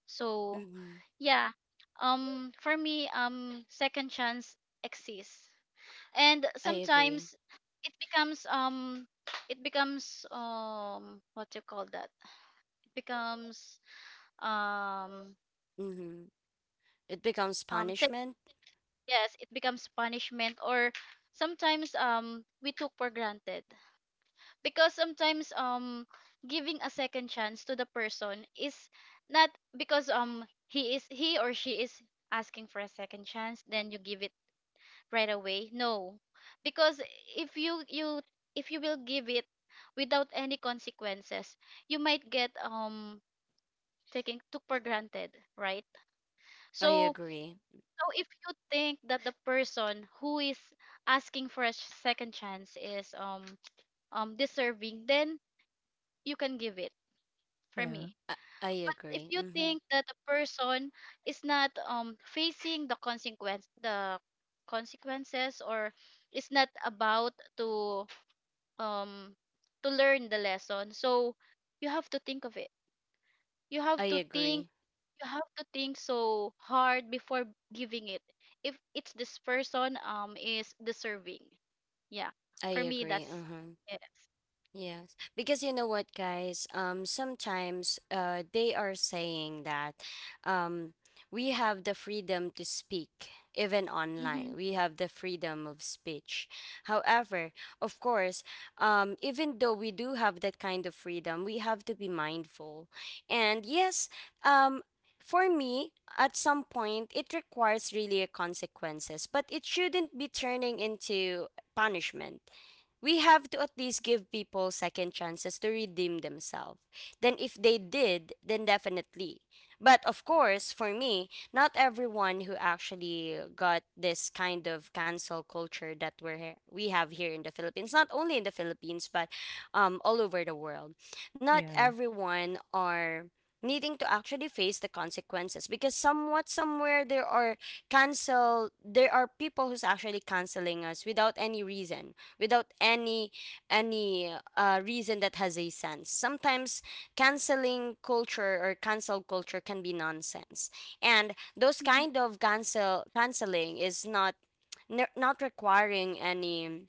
Speaker 3: So
Speaker 1: Mm-hmm.
Speaker 3: yeah, for me, second chance exists, and
Speaker 1: I agree.
Speaker 3: sometimes it becomes what you call that? It becomes um,
Speaker 1: Mm-hmm. It becomes
Speaker 3: um, ta-
Speaker 1: punishment.
Speaker 3: yes, it becomes punishment, or sometimes we took for granted. Because sometimes giving a second chance to the person is not because he or she is asking for a second chance, then you give it right away. No, because if you you, if you will give it without any consequences, you might get taken took for granted, right?
Speaker 1: I
Speaker 3: So
Speaker 1: agree.
Speaker 3: so if you think that the person who is asking for a second chance is deserving, then you can give it, for me.
Speaker 2: yeah,
Speaker 1: I, I
Speaker 3: But if
Speaker 1: agree.
Speaker 3: you
Speaker 1: Mm-hmm.
Speaker 3: think that the person is not facing the consequences, or is not about um to learn the lesson, so you have to think of it, you
Speaker 1: I
Speaker 3: have to think
Speaker 1: agree.
Speaker 3: you have to think so hard before giving it, if it's this person is deserving. Yeah,
Speaker 1: I
Speaker 3: for me
Speaker 1: agree.
Speaker 3: that's
Speaker 1: Uh-huh.
Speaker 3: yes.
Speaker 1: Yes, because you know what, guys, sometimes they are saying that um, we have the freedom to speak, even online.
Speaker 3: Mm-hmm.
Speaker 1: We have the freedom of speech. However, of course, even though we do have that kind of freedom, we have to be mindful. And yes, um, for me, at some point, it requires really a consequences, but it shouldn't be turning into punishment. We have to at least give people second chances to redeem themselves. Then, if they did, then definitely. But of course, for me, not everyone who actually got this kind of cancel culture that we have here in the Philippines, not only in the Philippines but all over the world, not
Speaker 2: yeah.
Speaker 1: everyone are needing to actually face the consequences, because somewhat somewhere there are cancel there are people who's actually canceling us without any reason, without any any reason that has a sense. Sometimes canceling culture or cancel culture can be nonsense, and those
Speaker 3: Hmm.
Speaker 1: kind of canceling is not requiring any,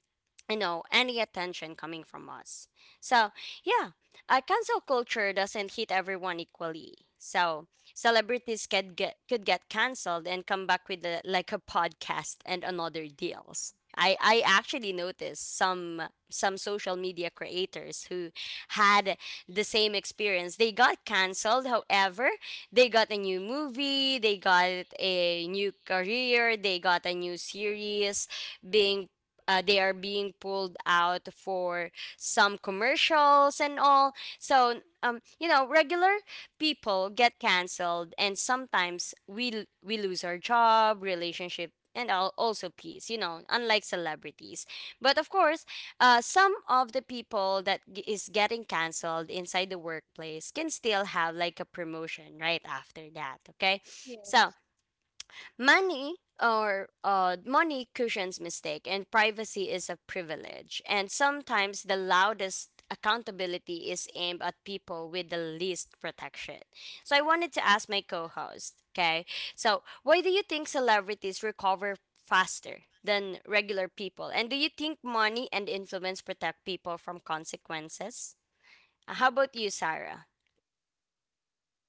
Speaker 1: you know, any attention coming from us. So yeah, cancel culture doesn't hit everyone equally. So celebrities could get canceled and come back with a, like a podcast and another deals. I actually noticed some social media creators who had the same experience, they got canceled, however they got a new movie, they got a new career, they got a new series, being they are being pulled out for some commercials and all. So, you know, regular people get canceled, and sometimes we lose our job, relationship, and also peace. You know, unlike celebrities. But of course, some of the people that is getting canceled inside the workplace can still have like a promotion right after that. Okay, so
Speaker 3: Yes.
Speaker 1: money, or money cushions mistake, and privacy is a privilege. And sometimes the loudest accountability is aimed at people with the least protection. So I wanted to ask my co-host. Okay, so why do you think celebrities recover faster than regular people? And do you think money and influence protect people from consequences? How about you, Sarah?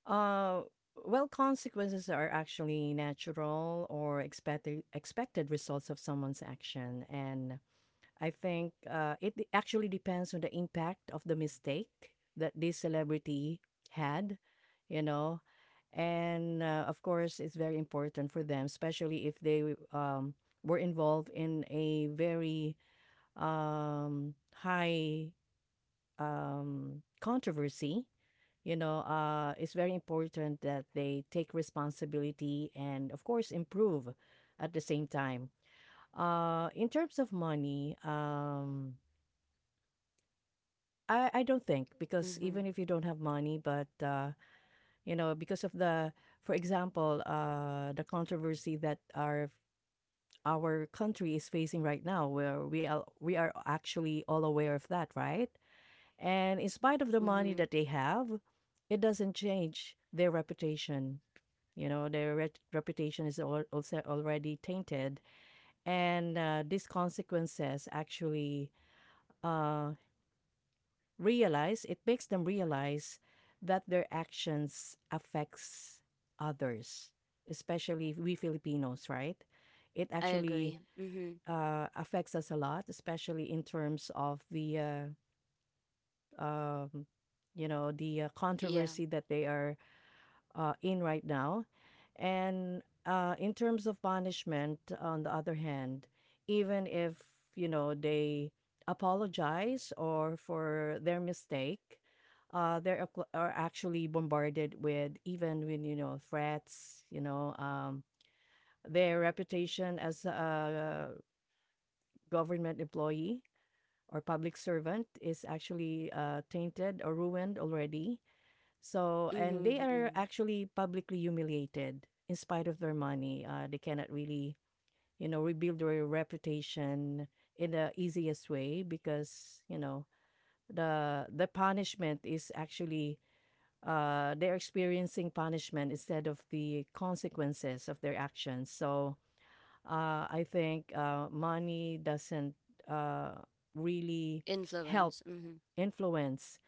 Speaker 2: Uh, well, consequences are actually natural or expected results of someone's action, and I think it actually depends on the impact of the mistake that this celebrity had. You know, and of course, it's very important for them, especially if they um, were involved in a very high controversy, you know, it's very important that they take responsibility and, of course, improve at the same time. In terms of money, I don't think because
Speaker 1: Mm-hmm.
Speaker 2: even if you don't have money, but you know, because of the, for example, the controversy that our country is facing right now, where we are actually all aware of that, right? And in spite of the money
Speaker 1: Mm-hmm.
Speaker 2: that they have, it doesn't change their reputation. You know, their reputation is also already tainted. And these consequences actually uh, it makes them realize that their actions affects others, especially we Filipinos, right? It
Speaker 1: I
Speaker 2: actually
Speaker 1: agree. Mm-hmm.
Speaker 2: affects us a lot, especially in terms of the um, you know, the
Speaker 1: Yeah.
Speaker 2: controversy that they are in right now. And in terms of punishment, on the other hand, even if, you know, they apologize or for their mistake, they are are actually bombarded with even when you know threats, you know, their reputation as a government employee or public servant is actually tainted or ruined already. So, and they are
Speaker 1: Mm-hmm.
Speaker 2: actually publicly humiliated in spite of their money. They cannot really, you know, rebuild their reputation in the easiest way because, you know, the punishment is actually they're experiencing punishment instead of the consequences of their actions. So I think money doesn't uh, really help
Speaker 1: Influence. Hmm.
Speaker 2: influence.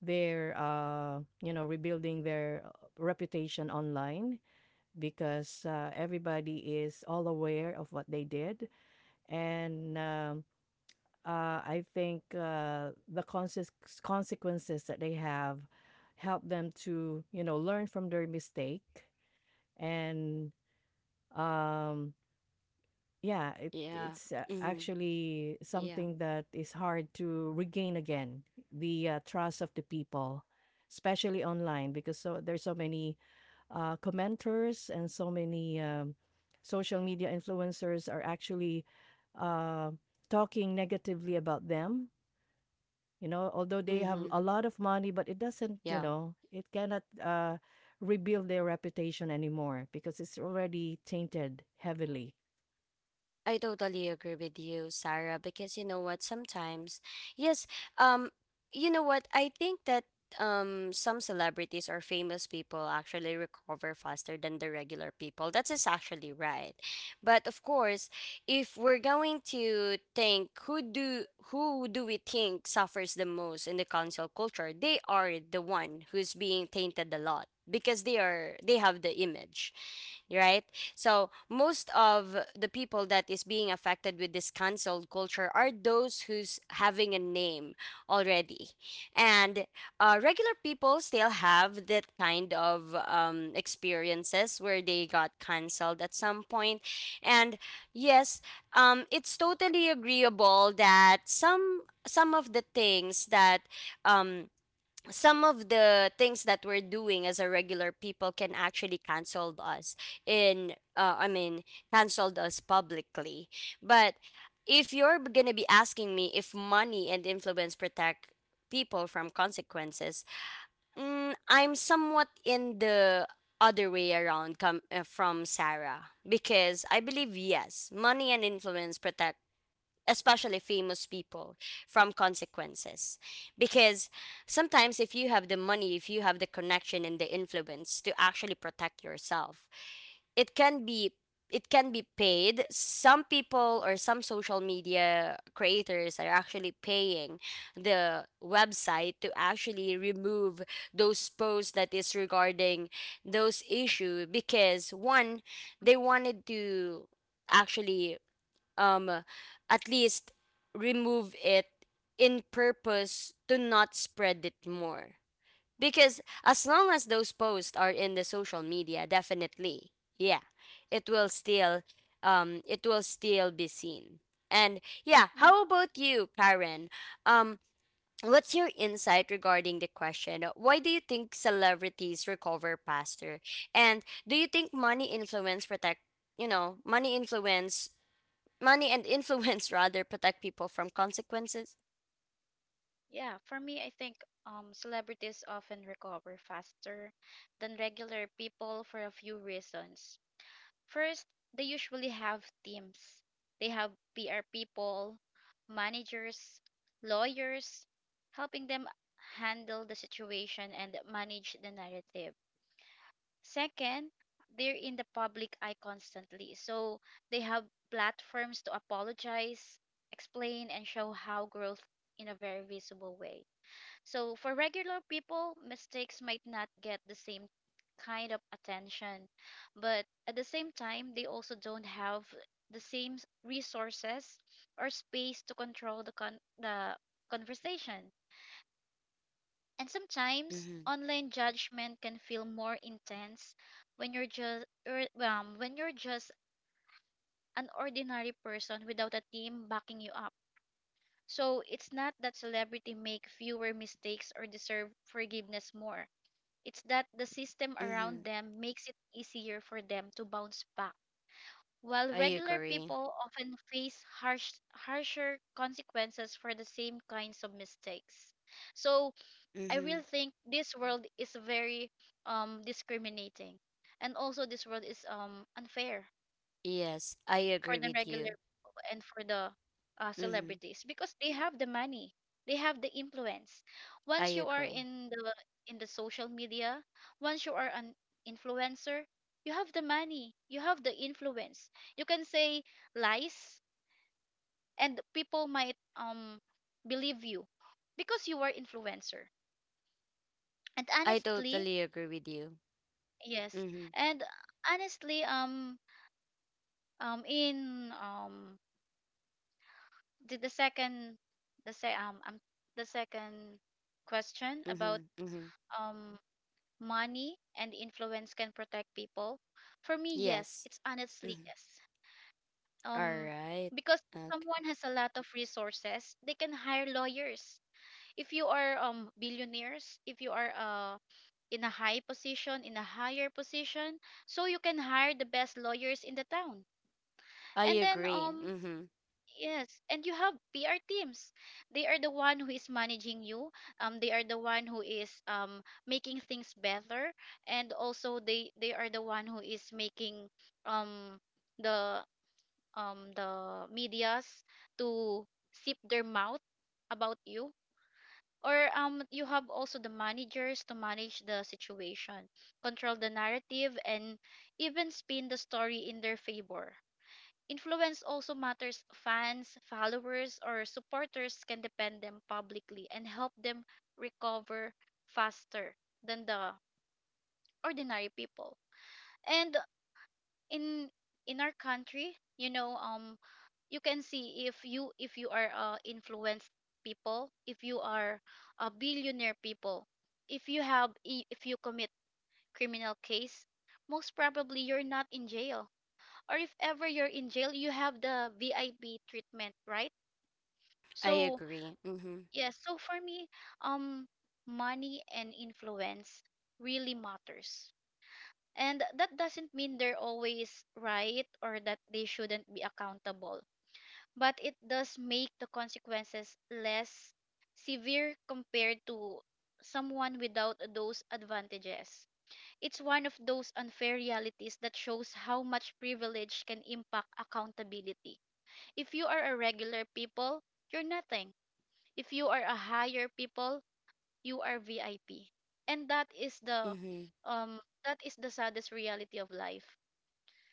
Speaker 2: They're, you know, rebuilding their reputation online because everybody is all aware of what they did. And I think the consequences that they have help them to, you know, learn from their mistake and um, yeah, it,
Speaker 1: Yeah.
Speaker 2: it's
Speaker 1: Hmm.
Speaker 2: actually
Speaker 1: Yeah.
Speaker 2: something that is hard to regain again the trust of the people, especially online, because so there's so many commenters and so many social media influencers are actually uh, talking negatively about them. You know, although they have
Speaker 1: Hmm.
Speaker 2: a lot of money, but it doesn't, you
Speaker 1: Yeah.
Speaker 2: know, it cannot rebuild their reputation anymore because it's already tainted heavily.
Speaker 1: I totally agree with you, Sarah, because you know what, sometimes, yes, um, you know what, I think that some celebrities or famous people actually recover faster than the regular people. That is actually right. But of course, if we're going to think who do we think suffers the most in the council culture, they are the one who's being tainted a lot because they have the image, right? So most of the people that is being affected with this cancel culture are those who's having a name already, and regular people still have that kind of experiences where they got cancelled at some point. And yes, it's totally agreeable that some of the things that um some of the things that we're doing as a regular people can actually canceled us in I mean canceled us publicly. But if you're gonna be asking me if money and influence protect people from consequences, mm, I'm somewhat in the other way around come from Sarah, because I believe yes, money and influence protect, especially famous people, from consequences. Because sometimes if you have the money, if you have the connection and the influence to actually protect yourself, it can be, paid. Some people or some social media creators are actually paying the website to actually remove those posts that is regarding those issue, because one, they wanted to actually um at least remove it in purpose to not spread it more. Because as long as those posts are in the social media, definitely, yeah, it will still it will still be seen. And yeah,
Speaker 3: Mm.
Speaker 1: how about you, Karen? um what's your insight regarding the question, why do you think celebrities recover faster, and do you think money influence protect, you know, money and influence [laughs] rather protect people from consequences?
Speaker 3: Yeah, for me I think celebrities often recover faster than regular people for a few reasons. First, they usually have teams. They have PR people, managers, lawyers, helping them handle the situation and manage the narrative. Second, they're in the public eye constantly, so they have platforms to apologize, explain, and show how growth in a very visible way. So for regular people, mistakes might not get the same kind of attention, but at the same time, they also don't have the same resources or space to control the conversation. And sometimes
Speaker 1: Mm-hmm.
Speaker 3: online judgment can feel more intense when you're just when you're just an ordinary person without a team backing you up. So it's not that celebrity make fewer mistakes or deserve forgiveness more. It's that the system
Speaker 1: Mm-hmm.
Speaker 3: around them makes it easier for them to bounce back. While
Speaker 1: I
Speaker 3: regular
Speaker 1: agree.
Speaker 3: people often face harsher consequences for the same kinds of mistakes. So I
Speaker 1: Mm-hmm.
Speaker 3: really think this world is very discriminating. And also this world is unfair
Speaker 1: Yes, I
Speaker 3: for
Speaker 1: agree
Speaker 3: the
Speaker 1: with
Speaker 3: regular
Speaker 1: you.
Speaker 3: people and for the
Speaker 1: Mm-hmm.
Speaker 3: celebrities, because they have the money, they have the influence.
Speaker 1: I
Speaker 3: Once you are
Speaker 1: agree.
Speaker 3: in the social media, once you are an influencer, you have the money, you have the influence, you can say lies and people might believe you because you are influencer. And
Speaker 1: I
Speaker 3: honestly,
Speaker 1: totally agree with you.
Speaker 3: yes.
Speaker 1: Mm-hmm.
Speaker 3: And honestly in did the second, the say the second question
Speaker 1: Mm-hmm.
Speaker 3: about
Speaker 1: Mm-hmm.
Speaker 3: um money and influence can protect people, for me, yes,
Speaker 1: Yes.
Speaker 3: it's honestly
Speaker 1: Mm-hmm.
Speaker 3: yes.
Speaker 1: All
Speaker 3: um
Speaker 1: right.
Speaker 3: because
Speaker 1: Okay.
Speaker 3: someone has a lot of resources, they can hire lawyers. If you are billionaires, if you are in a high position, in a higher position, so you can hire the best lawyers in the town.
Speaker 1: I
Speaker 3: And then
Speaker 1: agree. Mm-hmm.
Speaker 3: yes, and you have PR teams. They are the one who is managing you. They are the one who is making things better, and also they are the one who is making um the the medias to zip their mouth about you. Or you have also the managers to manage the situation, control the narrative, and even spin the story in their favor. Influence also matters. Fans, followers, or supporters can depend them publicly and help them recover faster than the ordinary people. And in in our country, you know, you can see if you are influenced people, if you are a billionaire people, if you have if you commit criminal case, most probably you're not in jail. Or if ever you're in jail, you have the VIP treatment, right?
Speaker 1: I
Speaker 3: So,
Speaker 1: agree. Mm-hmm.
Speaker 3: yeah, so for me, um money and influence really matters. And that doesn't mean they're always right or that they shouldn't be accountable, but it does make the consequences less severe compared to someone without those advantages. It's one of those unfair realities that shows how much privilege can impact accountability. If you are a regular people, you're nothing. If you are a higher people, you are VIP. And
Speaker 1: Mm-hmm.
Speaker 3: that is the saddest reality of life.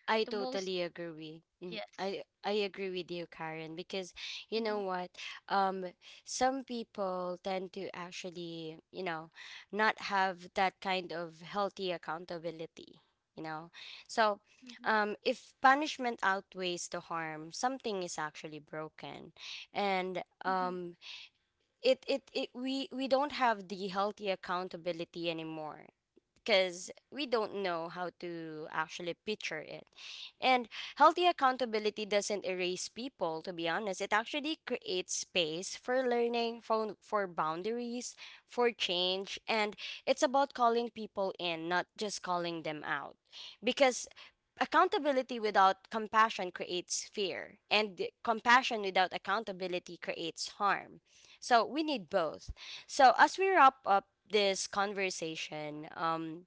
Speaker 1: I
Speaker 3: The most,
Speaker 1: totally agree Mm,
Speaker 3: yes.
Speaker 1: I agree with you, Karen, because you
Speaker 3: mm-hmm,
Speaker 1: know what? Um, some people tend to actually, you know, not have that kind of healthy accountability, you know. So,
Speaker 3: mm-hmm,
Speaker 1: if punishment outweighs the harm, something is actually broken. And
Speaker 3: mm-hmm.
Speaker 1: it, we don't have the healthy accountability anymore, because we don't know how to actually picture it. And healthy accountability doesn't erase people, to be honest. It actually creates space for learning, for boundaries, for change. And it's about calling people in, not just calling them out. Because accountability without compassion creates fear, and compassion without accountability creates harm. So we need both. So as we wrap up this conversation,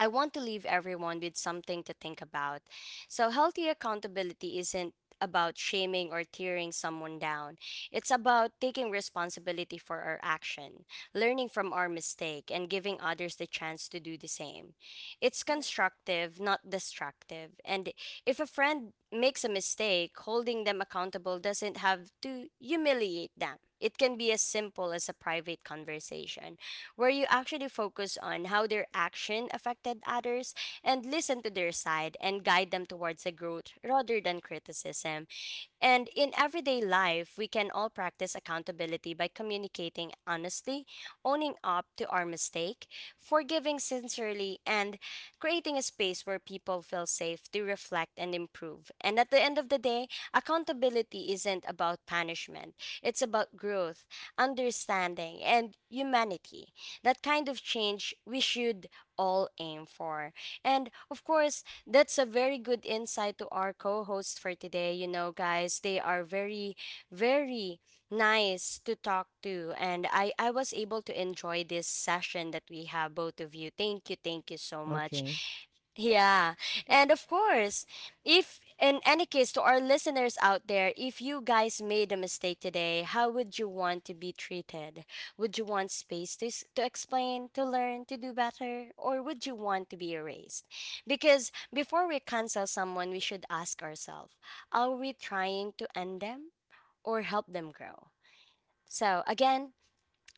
Speaker 1: I want to leave everyone with something to think about. So, healthy accountability isn't about shaming or tearing someone down. It's about taking responsibility for our action, learning from our mistake, and giving others the chance to do the same. It's constructive, not destructive. And if a friend makes a mistake, holding them accountable doesn't have to humiliate them. It can be as simple as a private conversation where you actually focus on how their action affected others and listen to their side and guide them towards a growth rather than criticism. And in everyday life, we can all practice accountability by communicating honestly, owning up to our mistake, forgiving sincerely, and creating a space where people feel safe to reflect and improve. And at the end of the day, accountability isn't about punishment, it's about growth, understanding, and humanity. That kind of change we should all aim for. And of course, that's a very good insight to our co hosts for today. You know, guys, they are very, very nice to talk to. And I was able to enjoy this session that we have, both of you. Thank you. Thank you so much.
Speaker 2: Okay.
Speaker 1: Yeah. And of course, if in any case, to our listeners out there, if you guys made a mistake today, how would you want to be treated? Would you want space to, to explain, to learn, to do better, or would you want to be erased? Because before we cancel someone, we should ask ourselves, are we trying to end them or help them grow? So, again,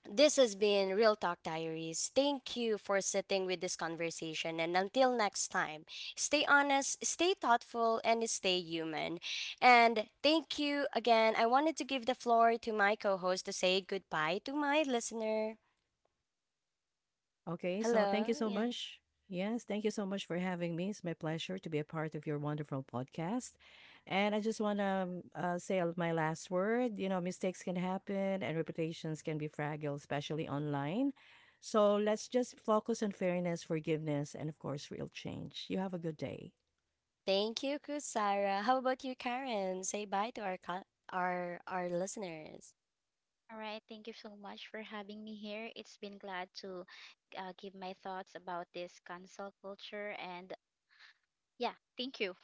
Speaker 1: this has been Real Talk Diaries. Thank you for sitting with this conversation. And until next time, stay honest, stay thoughtful, and stay human. And thank you again. I wanted to give the floor to my co host to say goodbye to my listener.
Speaker 2: Okay, so thank
Speaker 1: Hello.
Speaker 2: you so
Speaker 1: Yeah.
Speaker 2: much. Yes, thank you so much for having me. It's my pleasure to be a part of your wonderful podcast. And I just want to say my last word. You know, mistakes can happen and reputations can be fragile, especially online. So let's just focus on fairness, forgiveness, and of course, real change. You have a good day.
Speaker 1: Thank you, Kusara. How about you, Karen? Say bye to our our listeners.
Speaker 3: All right, thank you so much for having me here. It's been glad to give my thoughts about this cancel culture, and yeah, thank you.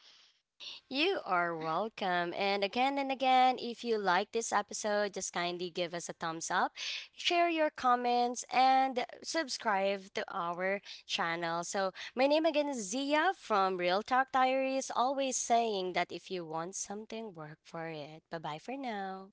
Speaker 1: You are welcome. And again, if you like this episode, just kindly give us a thumbs up, share your comments, and subscribe to our channel. So, my name again is Zia from Real Talk Diaries, always saying that if you want something, work for it. Bye bye for now.